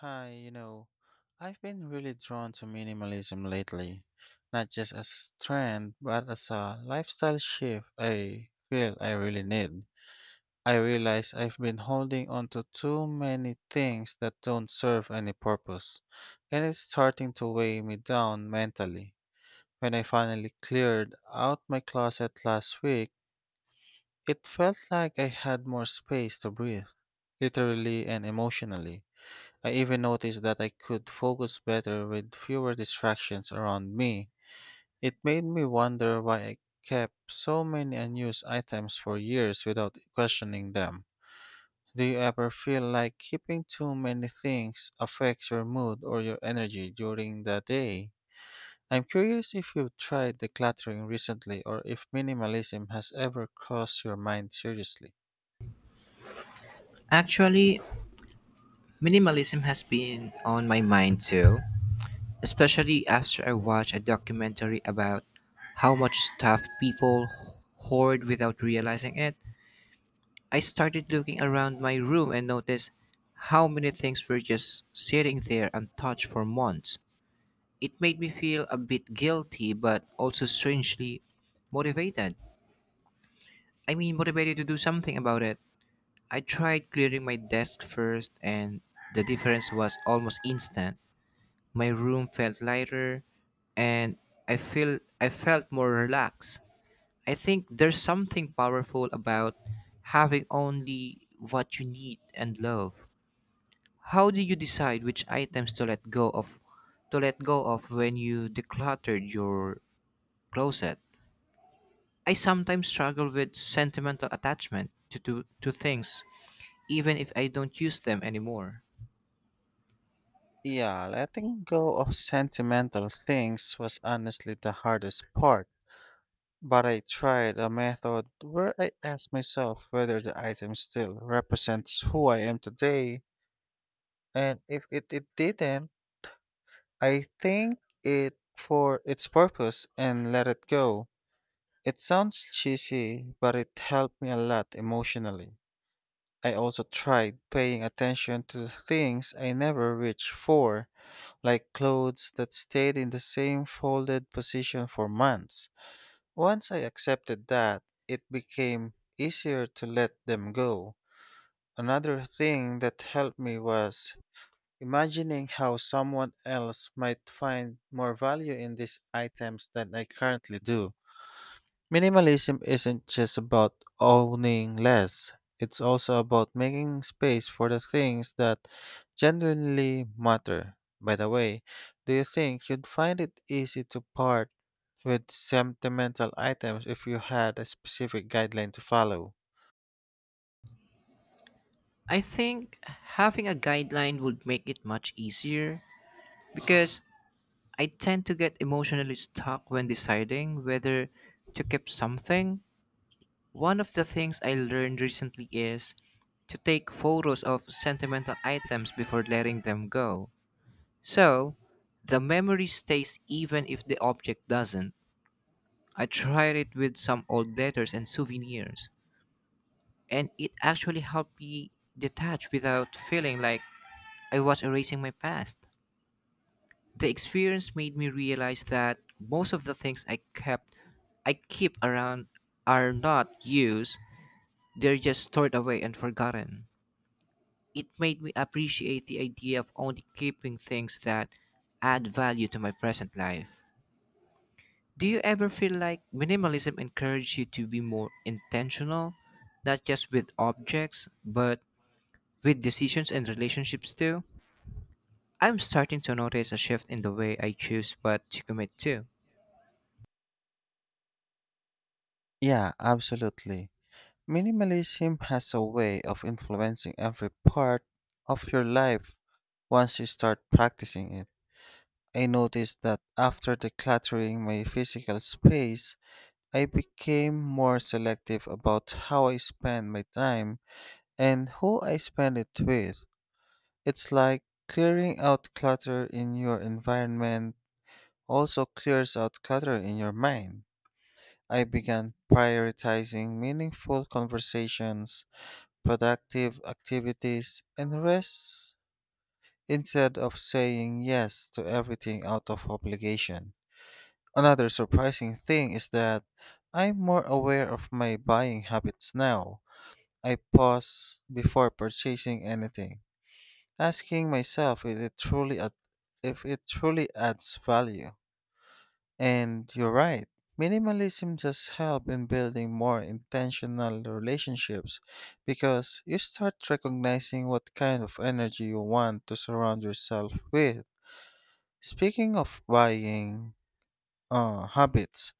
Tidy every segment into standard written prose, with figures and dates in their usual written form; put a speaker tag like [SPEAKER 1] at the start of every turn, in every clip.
[SPEAKER 1] Hi, I've been really drawn to minimalism lately, not just as a trend, but as a lifestyle shift I feel I really need. I realize I've been holding on to too many things that don't serve any purpose, and it's starting to weigh me down mentally. When I finally cleared out my closet last week, it felt like I had more space to breathe, literally and emotionally. I even noticed that I could focus better with fewer distractions around me. It made me wonder why I kept so many unused items for years without questioning them. Do you ever feel like keeping too many things affects your mood or your energy during the day? I'm curious if you've tried decluttering recently or if minimalism has ever crossed your mind seriously.
[SPEAKER 2] Actually, minimalism has been on my mind too, especially after I watched a documentary about how much stuff people hoard without realizing it. I started looking around my room and noticed how many things were just sitting there untouched for months. It made me feel a bit guilty but also strangely motivated. I mean, motivated to do something about it. I tried clearing my desk first, and the difference was almost instant. My room felt lighter and I felt more relaxed. I think there's something powerful about having only what you need and love. How do you decide which items to let go of when you decluttered your closet? I sometimes struggle with sentimental attachment to things even if I don't use them anymore.
[SPEAKER 1] Yeah, letting go of sentimental things was honestly the hardest part. But I tried a method where I asked myself whether the item still represents who I am today, and if it didn't, I thank it for its purpose and let it go. It sounds cheesy, but it helped me a lot emotionally. I also tried paying attention to the things I never reached for, like clothes that stayed in the same folded position for months. Once I accepted that, it became easier to let them go. Another thing that helped me was imagining how someone else might find more value in these items than I currently do. Minimalism isn't just about owning less, it's also about making space for the things that genuinely matter. By the way, do you think you'd find it easy to part with sentimental items if you had a specific guideline to follow?
[SPEAKER 2] I think having a guideline would make it much easier because I tend to get emotionally stuck when deciding whether to keep something. One of the things I learned recently is to take photos of sentimental items before letting them go. So, the memory stays even if the object doesn't. I tried it with some old letters and souvenirs, and it actually helped me detach without feeling like I was erasing my past. The experience made me realize that most of the things I keep around are not used, they're just stored away and forgotten. It made me appreciate the idea of only keeping things that add value to my present life. Do you ever feel like minimalism encourages you to be more intentional, not just with objects, but with decisions and relationships too? I'm starting to notice a shift in the way I choose what to commit to.
[SPEAKER 1] Yeah, absolutely. Minimalism has a way of influencing every part of your life once you start practicing it. I noticed that after decluttering my physical space, I became more selective about how I spend my time and who I spend it with. It's like clearing out clutter in your environment also clears out clutter in your mind. I began prioritizing meaningful conversations, productive activities, and rests instead of saying yes to everything out of obligation. Another surprising thing is that I'm more aware of my buying habits now. I pause before purchasing anything, asking myself if it truly adds value. And you're right. Minimalism just helps in building more intentional relationships because you start recognizing what kind of energy you want to surround yourself with. Speaking of buying habits,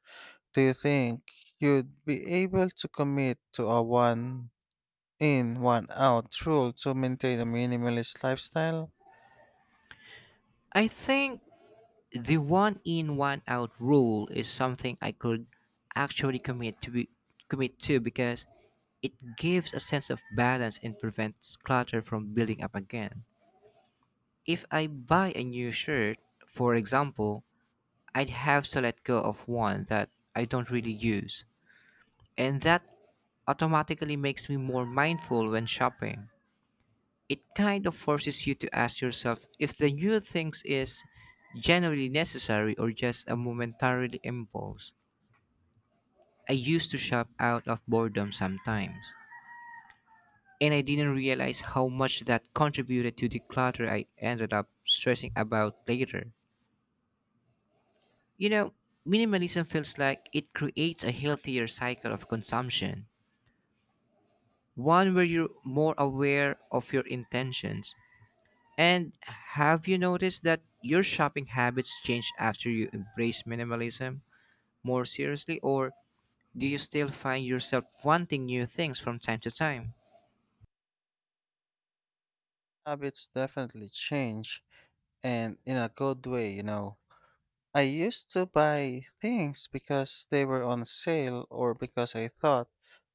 [SPEAKER 1] do you think you'd be able to commit to a one in, one out rule to maintain a minimalist lifestyle?
[SPEAKER 2] I think the one in one out rule is something I could actually commit to because it gives a sense of balance and prevents clutter from building up again. If I buy a new shirt, for example, I'd have to let go of one that I don't really use, and that automatically makes me more mindful when shopping. It kind of forces you to ask yourself if the new things is genuinely necessary or just a momentarily impulse. I used to shop out of boredom sometimes, and I didn't realize how much that contributed to the clutter I ended up stressing about later. You know, minimalism feels like it creates a healthier cycle of consumption, one where you're more aware of your intentions. And have you noticed that your shopping habits change after you embrace minimalism more seriously, or do you still find yourself wanting new things from time to time?
[SPEAKER 1] Habits definitely change, and in a good way, I used to buy things because they were on sale or because I thought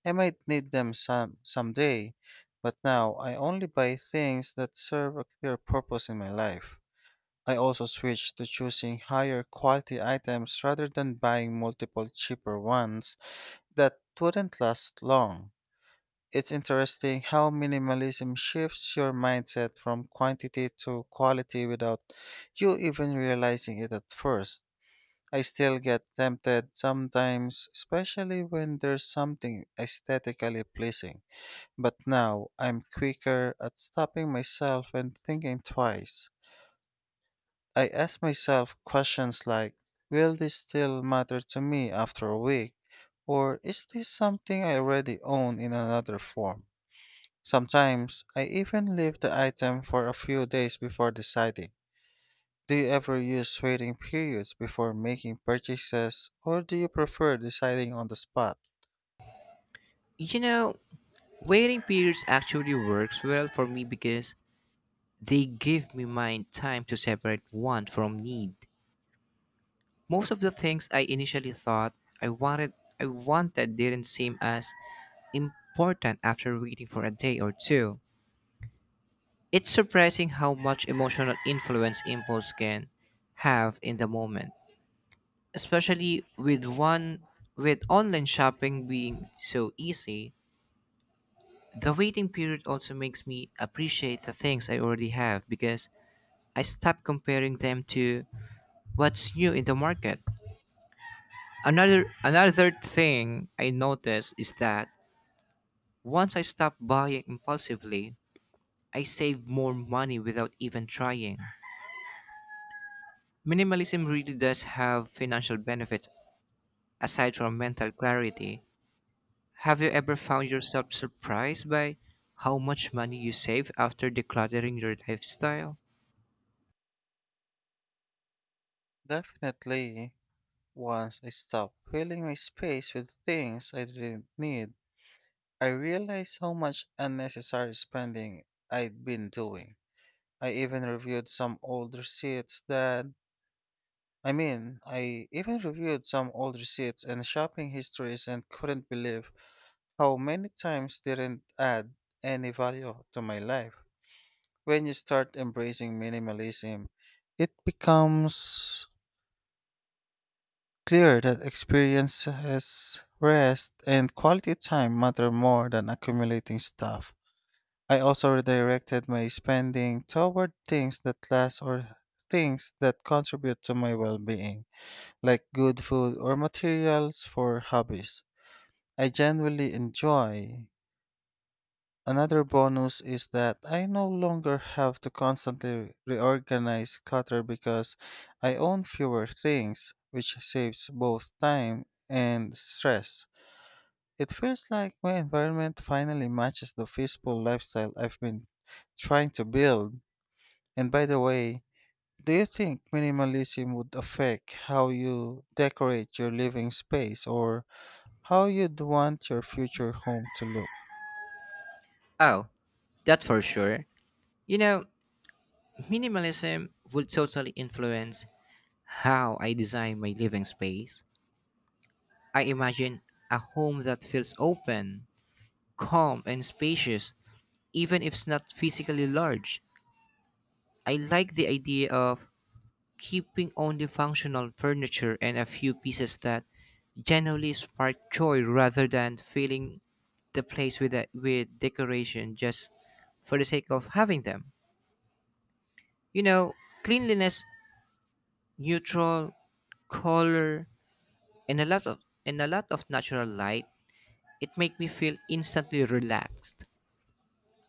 [SPEAKER 1] I might need them someday, but now I only buy things that serve a clear purpose in my life. I also switched to choosing higher quality items rather than buying multiple cheaper ones that wouldn't last long. It's interesting how minimalism shifts your mindset from quantity to quality without you even realizing it at first. I still get tempted sometimes, especially when there's something aesthetically pleasing, but now I'm quicker at stopping myself and thinking twice. I ask myself questions like, will this still matter to me after a week? Or is this something I already own in another form? Sometimes I even leave the item for a few days before deciding. Do you ever use waiting periods before making purchases, or do you prefer deciding on the spot?
[SPEAKER 2] You know, waiting periods actually works well for me because they give me my time to separate want from need. Most of the things I initially thought I wanted I wanted didn't seem as important after waiting for a day or two. It's surprising how much emotional influence impulse can have in the moment, especially with online shopping being so easy. The waiting period also makes me appreciate the things I already have because I stop comparing them to what's new in the market. Another thing I notice is that once I stop buying impulsively, I save more money without even trying. Minimalism really does have financial benefits aside from mental clarity. Have you ever found yourself surprised by how much money you save after decluttering your lifestyle?
[SPEAKER 1] Definitely, once I stopped filling my space with things I didn't need, I realized how much unnecessary spending I'd been doing. I even reviewed some old receipts that I mean, I even reviewed some old receipts and shopping histories and couldn't believe how many times didn't add any value to my life. When you start embracing minimalism, it becomes clear that experiences, rest, and quality time matter more than accumulating stuff. I also redirected my spending toward things that last or things that contribute to my well being, like good food or materials for hobbies I genuinely enjoy. Another bonus is that I no longer have to constantly reorganize clutter because I own fewer things, which saves both time and stress. It feels like my environment finally matches the peaceful lifestyle I've been trying to build. And by the way, do you think minimalism would affect how you decorate your living space or how you'd want your future home to look?
[SPEAKER 2] Oh, that for sure. You know, minimalism would totally influence how I design my living space. I imagine a home that feels open, calm, and spacious, even if it's not physically large. I like the idea of keeping only functional furniture and a few pieces that generally spark joy rather than filling the place with decoration just for the sake of having them. You know, cleanliness, neutral color, and a lot of natural light. It make me feel instantly relaxed.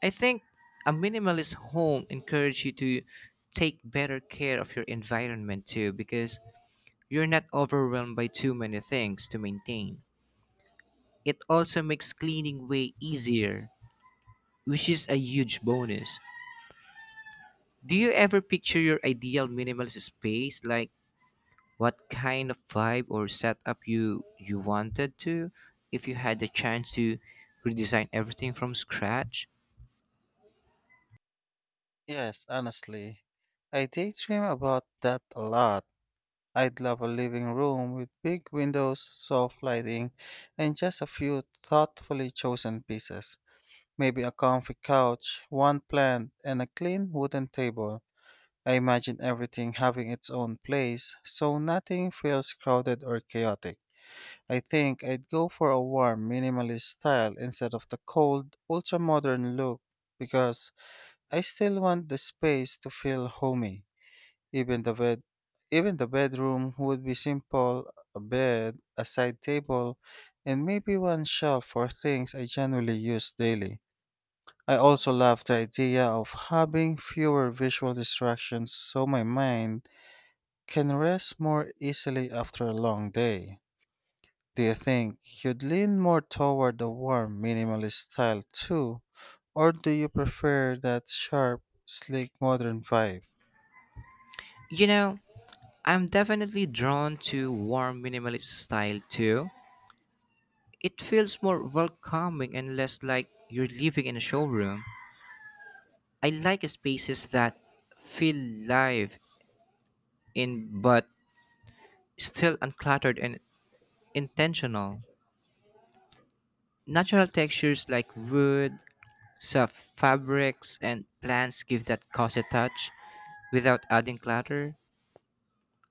[SPEAKER 2] I think a minimalist home encourages you to take better care of your environment too because you're not overwhelmed by too many things to maintain. It also makes cleaning way easier, which is a huge bonus. Do you ever picture your ideal minimalist space, like what kind of vibe or setup you wanted, to if you had the chance to redesign everything from scratch?
[SPEAKER 1] Yes, honestly, I daydream about that a lot. I'd love a living room with big windows, soft lighting, and just a few thoughtfully chosen pieces. Maybe a comfy couch, one plant, and a clean wooden table. I imagine everything having its own place, so nothing feels crowded or chaotic. I think I'd go for a warm, minimalist style instead of the cold, ultra modern look because I still want the space to feel homey. Even the bed, Even the bedroom would be simple: a bed, a side table, and maybe one shelf for things I generally use daily. I also love the idea of having fewer visual distractions so my mind can rest more easily after a long day. Do you think you'd lean more toward the warm minimalist style too, or do you prefer that sharp, sleek modern vibe?
[SPEAKER 2] You know, I'm definitely drawn to warm minimalist style too. It feels more welcoming and less like you're living in a showroom. I like spaces that feel live in but still uncluttered and intentional. Natural textures like wood, soft fabrics, and plants give that cozy touch without adding clutter.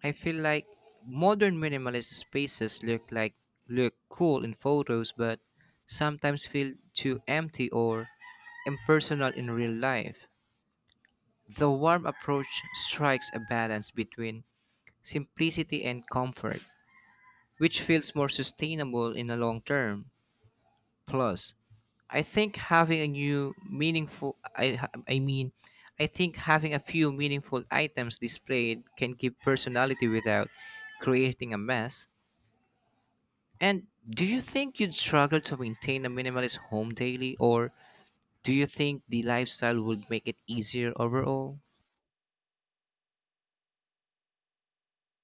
[SPEAKER 2] I feel like modern minimalist spaces look cool in photos but sometimes feel too empty or impersonal in real life. The warm approach strikes a balance between simplicity and comfort, which feels more sustainable in the long term. Plus, I mean, I think having a few meaningful items displayed can give personality without creating a mess. And do you think you'd struggle to maintain a minimalist home daily, or do you think the lifestyle would make it easier overall?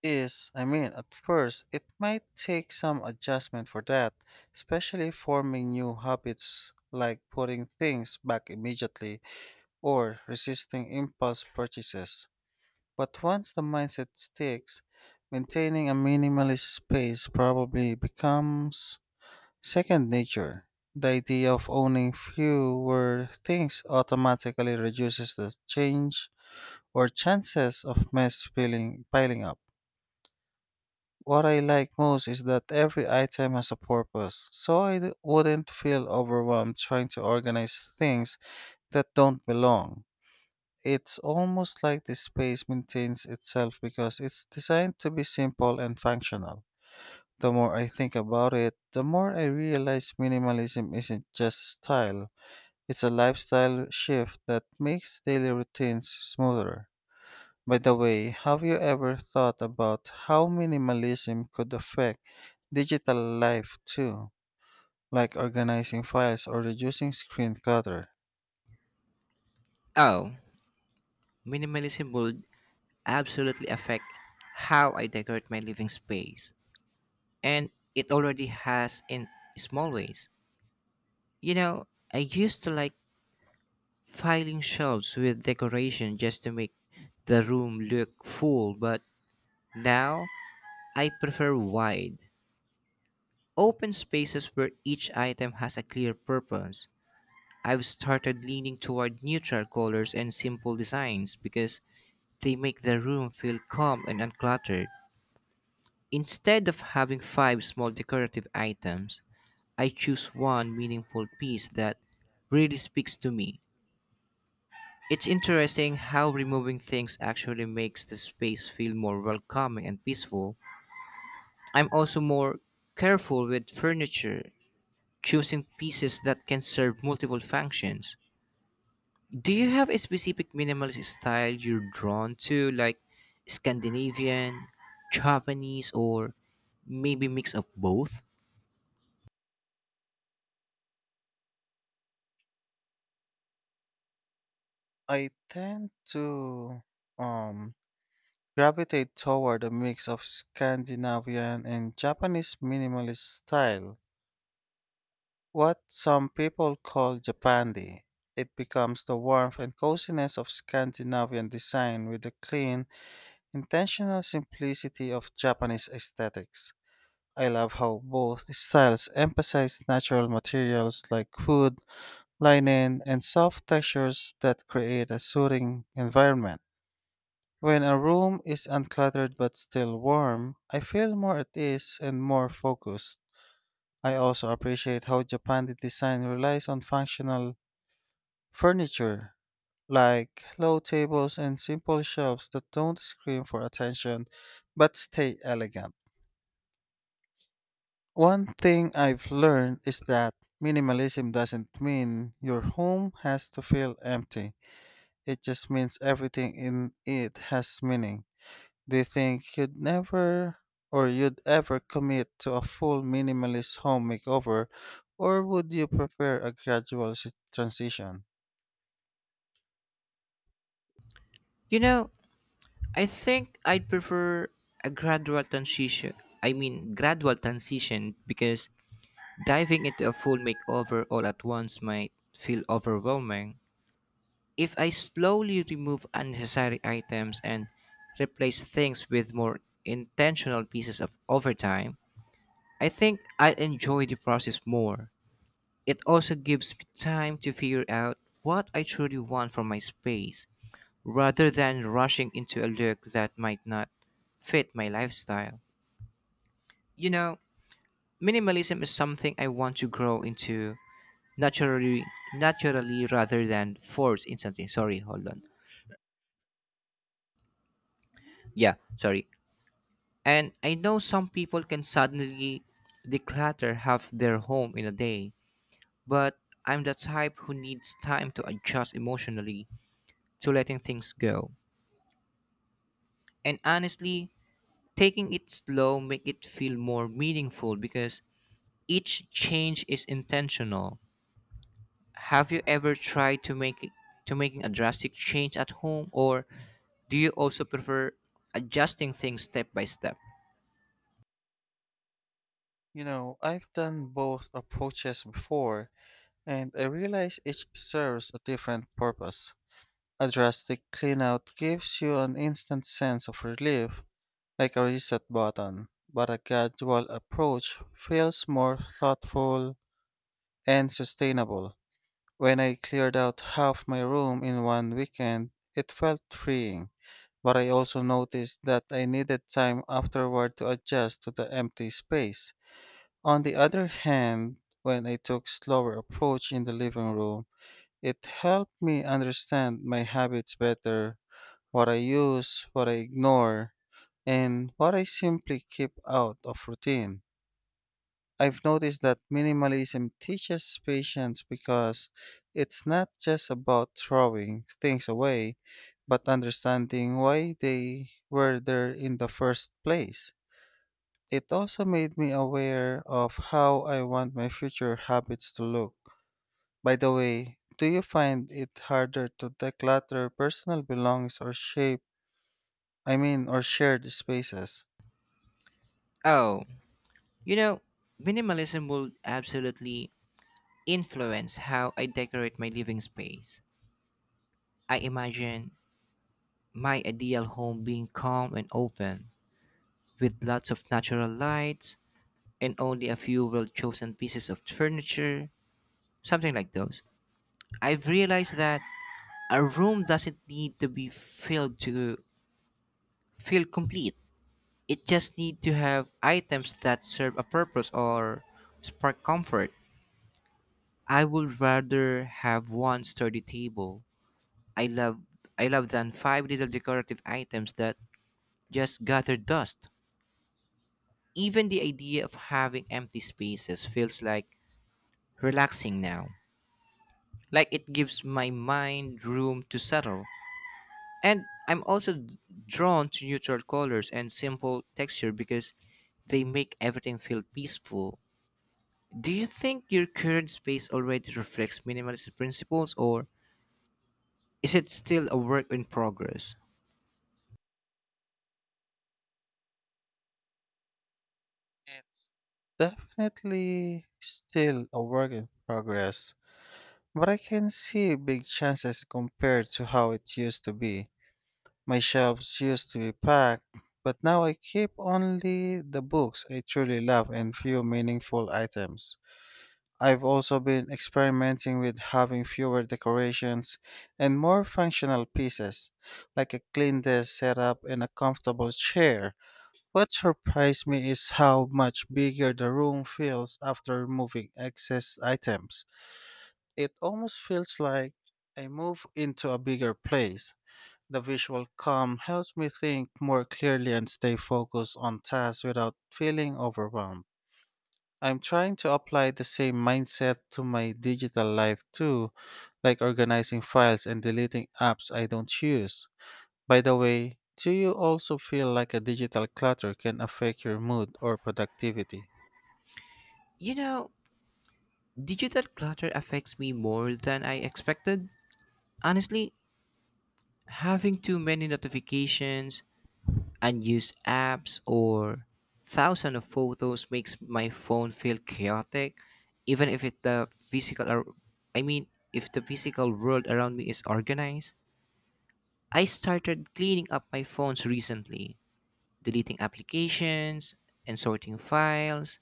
[SPEAKER 1] At first, it might take some adjustment for that, especially forming new habits like putting things back immediately or resisting impulse purchases. But once the mindset sticks, maintaining a minimalist space probably becomes second nature. The idea of owning fewer things automatically reduces the change or chances of mess piling up. What I like most is that every item has a purpose, so wouldn't feel overwhelmed trying to organize things that don't belong. It's almost like the space maintains itself because it's designed to be simple and functional. The more I think about it, the more I realize minimalism isn't just style, it's a lifestyle shift that makes daily routines smoother. By the way, have you ever thought about how minimalism could affect digital life too, like organizing files or reducing screen clutter?
[SPEAKER 2] Oh, minimalism would absolutely affect how I decorate my living space, and it already has in small ways. You know, I used to like filing shelves with decoration just to make the room look full, but now I prefer wide, open spaces where each item has a clear purpose. I've started leaning toward neutral colors and simple designs because they make the room feel calm and uncluttered. Instead of having five small decorative items, I choose one meaningful piece that really speaks to me. It's interesting how removing things actually makes the space feel more welcoming and peaceful. I'm also more careful with furniture, choosing pieces that can serve multiple functions. Do you have a specific minimalist style you're drawn to, like Scandinavian, Japanese, or maybe mix of both?
[SPEAKER 1] I tend to um gravitate toward a mix of Scandinavian and Japanese minimalist style, what some people call Japandi. It becomes the warmth and coziness of Scandinavian design with the clean, intentional simplicity of Japanese aesthetics. I love how both styles emphasize natural materials like wood, linen, and soft textures that create a soothing environment. When a room is uncluttered but still warm, I feel more at ease and more focused. I also appreciate how Japan's design relies on functional furniture, like low tables and simple shelves that don't scream for attention but stay elegant. One thing I've learned is that minimalism doesn't mean your home has to feel empty. It just means everything in it has meaning. Do you think you'd never or you'd ever commit to a full minimalist home makeover, or would you prefer a transition?
[SPEAKER 2] You know, I think I'd prefer a gradual transition. I mean, gradual transition because diving into a full makeover all at once might feel overwhelming. If I slowly remove unnecessary items and replace things with more intentional pieces of over time, I think I'd enjoy the process more. It also gives me time to figure out what I truly want from my space rather than rushing into a look that might not fit my lifestyle. You know, minimalism is something I want to grow into naturally naturally rather than force in something. Sorry, hold on. Yeah, sorry. And I know some people can suddenly declutter half their home in a day, but I'm the type who needs time to adjust emotionally to letting things go. And honestly, taking it slow make it feel more meaningful because each change is intentional. Have you ever tried to making a drastic change at home, or do you also prefer adjusting things step by step?
[SPEAKER 1] You know, I've done both approaches before, and I realize each serves a different purpose. A drastic cleanout gives you an instant sense of relief, like a reset button, but a gradual approach feels more thoughtful and sustainable. When I cleared out half my room in one weekend, it felt freeing, but I also noticed that I needed time afterward to adjust to the empty space. On the other hand, when I took slower approach in the living room, it helped me understand my habits better, what I use, what I ignore, and what I simply keep out of routine. I've noticed that minimalism teaches patience because it's not just about throwing things away, but understanding why they were there in the first place. It also made me aware of how I want my future habits to look. By the way, do you find it harder to declutter personal belongings or or shared spaces?
[SPEAKER 2] Oh, you know, minimalism will absolutely influence how I decorate my living space. I imagine my ideal home being calm and open, with lots of natural lights and only a few well chosen pieces of furniture, something like those. I've realized that a room doesn't need to be filled to feel complete. It just needs to have items that serve a purpose or spark comfort. I would rather have one sturdy table I love I love than five little decorative items that just gather dust. Even the idea of having empty spaces feels like relaxing now, like it gives my mind room to settle. And I'm also drawn to neutral colors and simple texture because they make everything feel peaceful. Do you think your current space already reflects minimalist principles, or is it still a work in progress?
[SPEAKER 1] It's definitely still a work in progress, but I can see big chances compared to how it used to be. My shelves used to be packed, but now I keep only the books I truly love and few meaningful items. I've also been experimenting with having fewer decorations and more functional pieces, like a clean desk setup and a comfortable chair. What surprised me is how much bigger the room feels after removing excess items. It almost feels like I move into a bigger place. The visual calm helps me think more clearly and stay focused on tasks without feeling overwhelmed. I'm trying to apply the same mindset to my digital life too, like organizing files and deleting apps I don't use. By the way, do you also feel like a digital clutter can affect your mood or productivity?
[SPEAKER 2] You know, digital clutter affects me more than I expected. Honestly, having too many notifications, unused apps, or thousands of photos makes my phone feel chaotic, even if it the physical ar- I mean if the physical world around me is organized. I started cleaning up my phones recently, deleting applications and sorting files,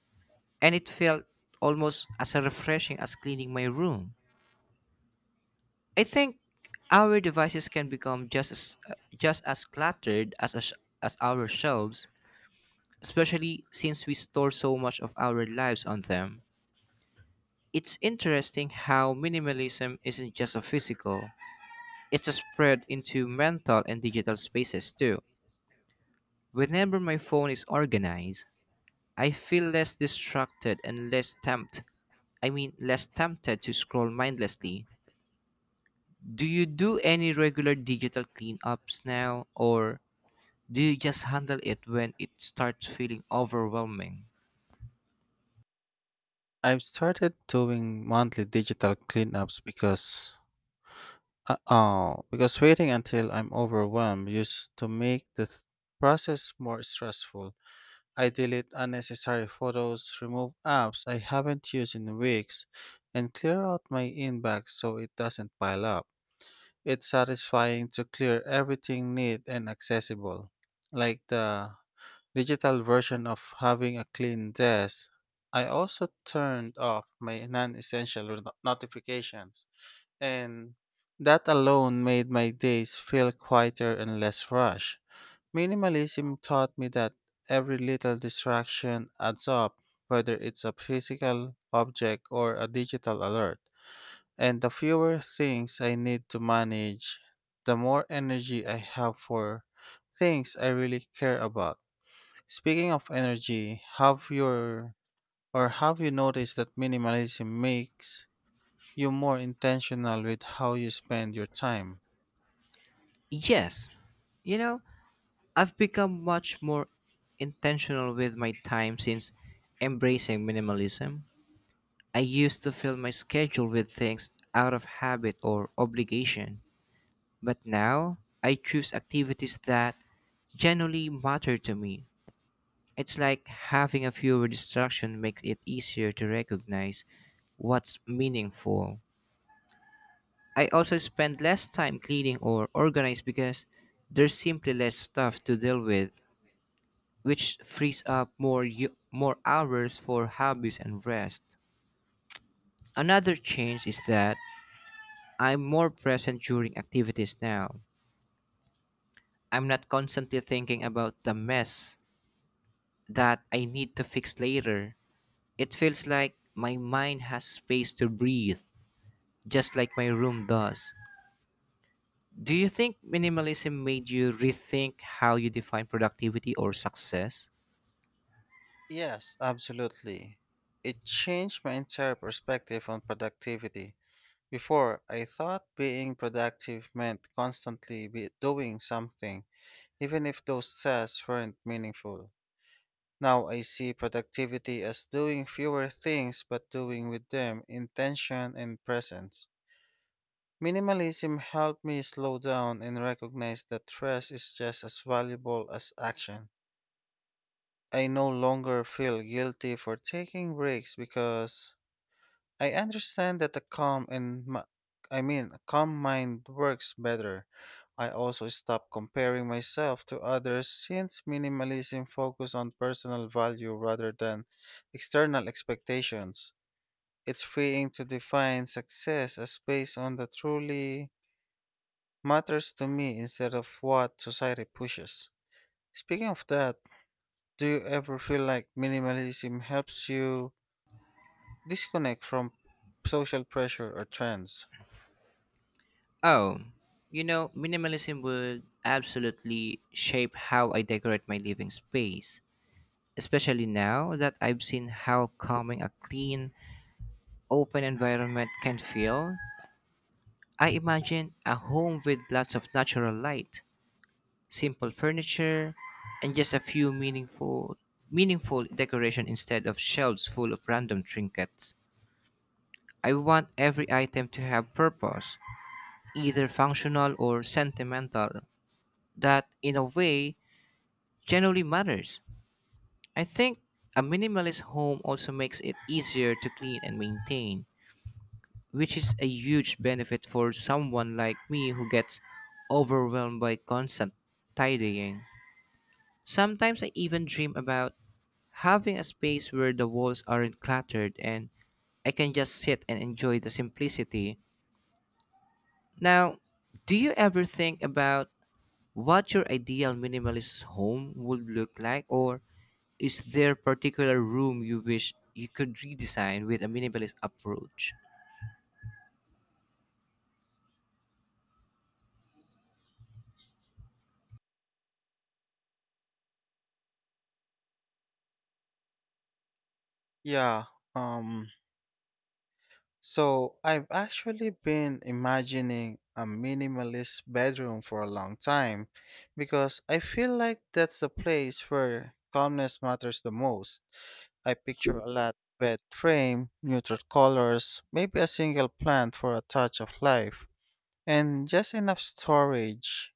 [SPEAKER 2] and it felt almost as refreshing as cleaning my room. I think our devices can become just as cluttered as our shelves, especially since we store so much of our lives on them. It's interesting how minimalism isn't just a physical, it's a spread into mental and digital spaces too. Whenever my phone is organized, I feel less distracted and less tempted. I mean, less tempted to scroll mindlessly. Do you do any regular digital cleanups now, or do you just handle it when it starts feeling overwhelming?
[SPEAKER 1] I've started doing monthly digital cleanups because oh, because waiting until I'm overwhelmed used to make process more stressful. I delete unnecessary photos, remove apps I haven't used in weeks, and clear out my inbox so it doesn't pile up. It's satisfying to clear everything neat and accessible. Like the digital version of having a clean desk, I also turned off my non essential notifications, and that alone made my days feel quieter and less rushed. Minimalism taught me that every little distraction adds up, whether it's a physical object or a digital alert. And the fewer things I need to manage, the more energy I have for things I really care about. Speaking of energy, have you noticed that minimalism makes you're more intentional with how you spend your time?
[SPEAKER 2] Yes, you know, I've become much more intentional with my time since embracing minimalism. I used to fill my schedule with things out of habit or obligation, but now I choose activities that genuinely matter to me. It's like having a fewer distractions makes it easier to recognize what's meaningful. I also spend less time cleaning or organized because there's simply less stuff to deal with, which frees up more hours for hobbies and rest. Another change is that I'm more present during activities now. I'm not constantly thinking about the mess that I need to fix later. It feels like my mind has space to breathe, just like my room does. Do you think minimalism made you rethink how you define productivity or success?
[SPEAKER 1] Yes, absolutely. It changed my entire perspective on productivity. Before, I thought being productive meant constantly be doing something, even if those tasks weren't meaningful. Now I see productivity as doing fewer things but doing with them intention and presence. Minimalism helped me slow down and recognize that rest is just as valuable as action. I no longer feel guilty for taking breaks because I understand that a calm mind works better. I also stop comparing myself to others since minimalism focuses on personal value rather than external expectations. It's freeing to define success as based on the truly matters to me instead of what society pushes. Speaking of that, do you ever feel like minimalism helps you disconnect from social pressure or trends?
[SPEAKER 2] Oh, you know, minimalism would absolutely shape how I decorate my living space, especially now that I've seen how calming a clean, open environment can feel. I imagine a home with lots of natural light, simple furniture, and just a few meaningful decoration instead of shelves full of random trinkets. I want every item to have purpose, either functional or sentimental, that in a way generally matters. I think a minimalist home also makes it easier to clean and maintain, which is a huge benefit for someone like me who gets overwhelmed by constant tidying. Sometimes I even dream about having a space where the walls aren't cluttered and I can just sit and enjoy the simplicity. Now, do you ever think about what your ideal minimalist home would look like, or is there particular room you wish you could redesign with a minimalist approach
[SPEAKER 1] Yeah, um so I've actually been imagining a minimalist bedroom for a long time because I feel like that's the place where calmness matters the most. I picture a lot bed frame, neutral colors, maybe a single plant for a touch of life, and just enough storage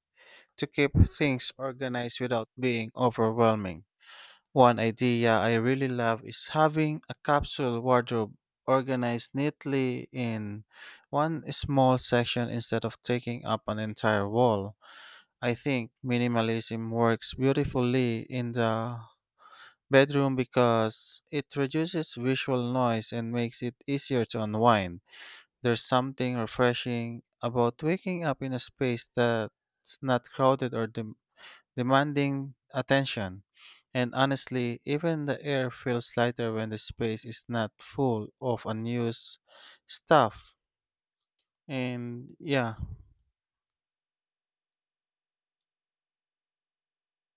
[SPEAKER 1] to keep things organized without being overwhelming. One idea I really love is having a capsule wardrobe organized neatly in one small section instead of taking up an entire wall. I think minimalism works beautifully in the bedroom because it reduces visual noise and makes it easier to unwind. There's something refreshing about waking up in a space that's not crowded or dim- demanding attention. And honestly, even the air feels lighter when the space is not full of unused stuff. And yeah,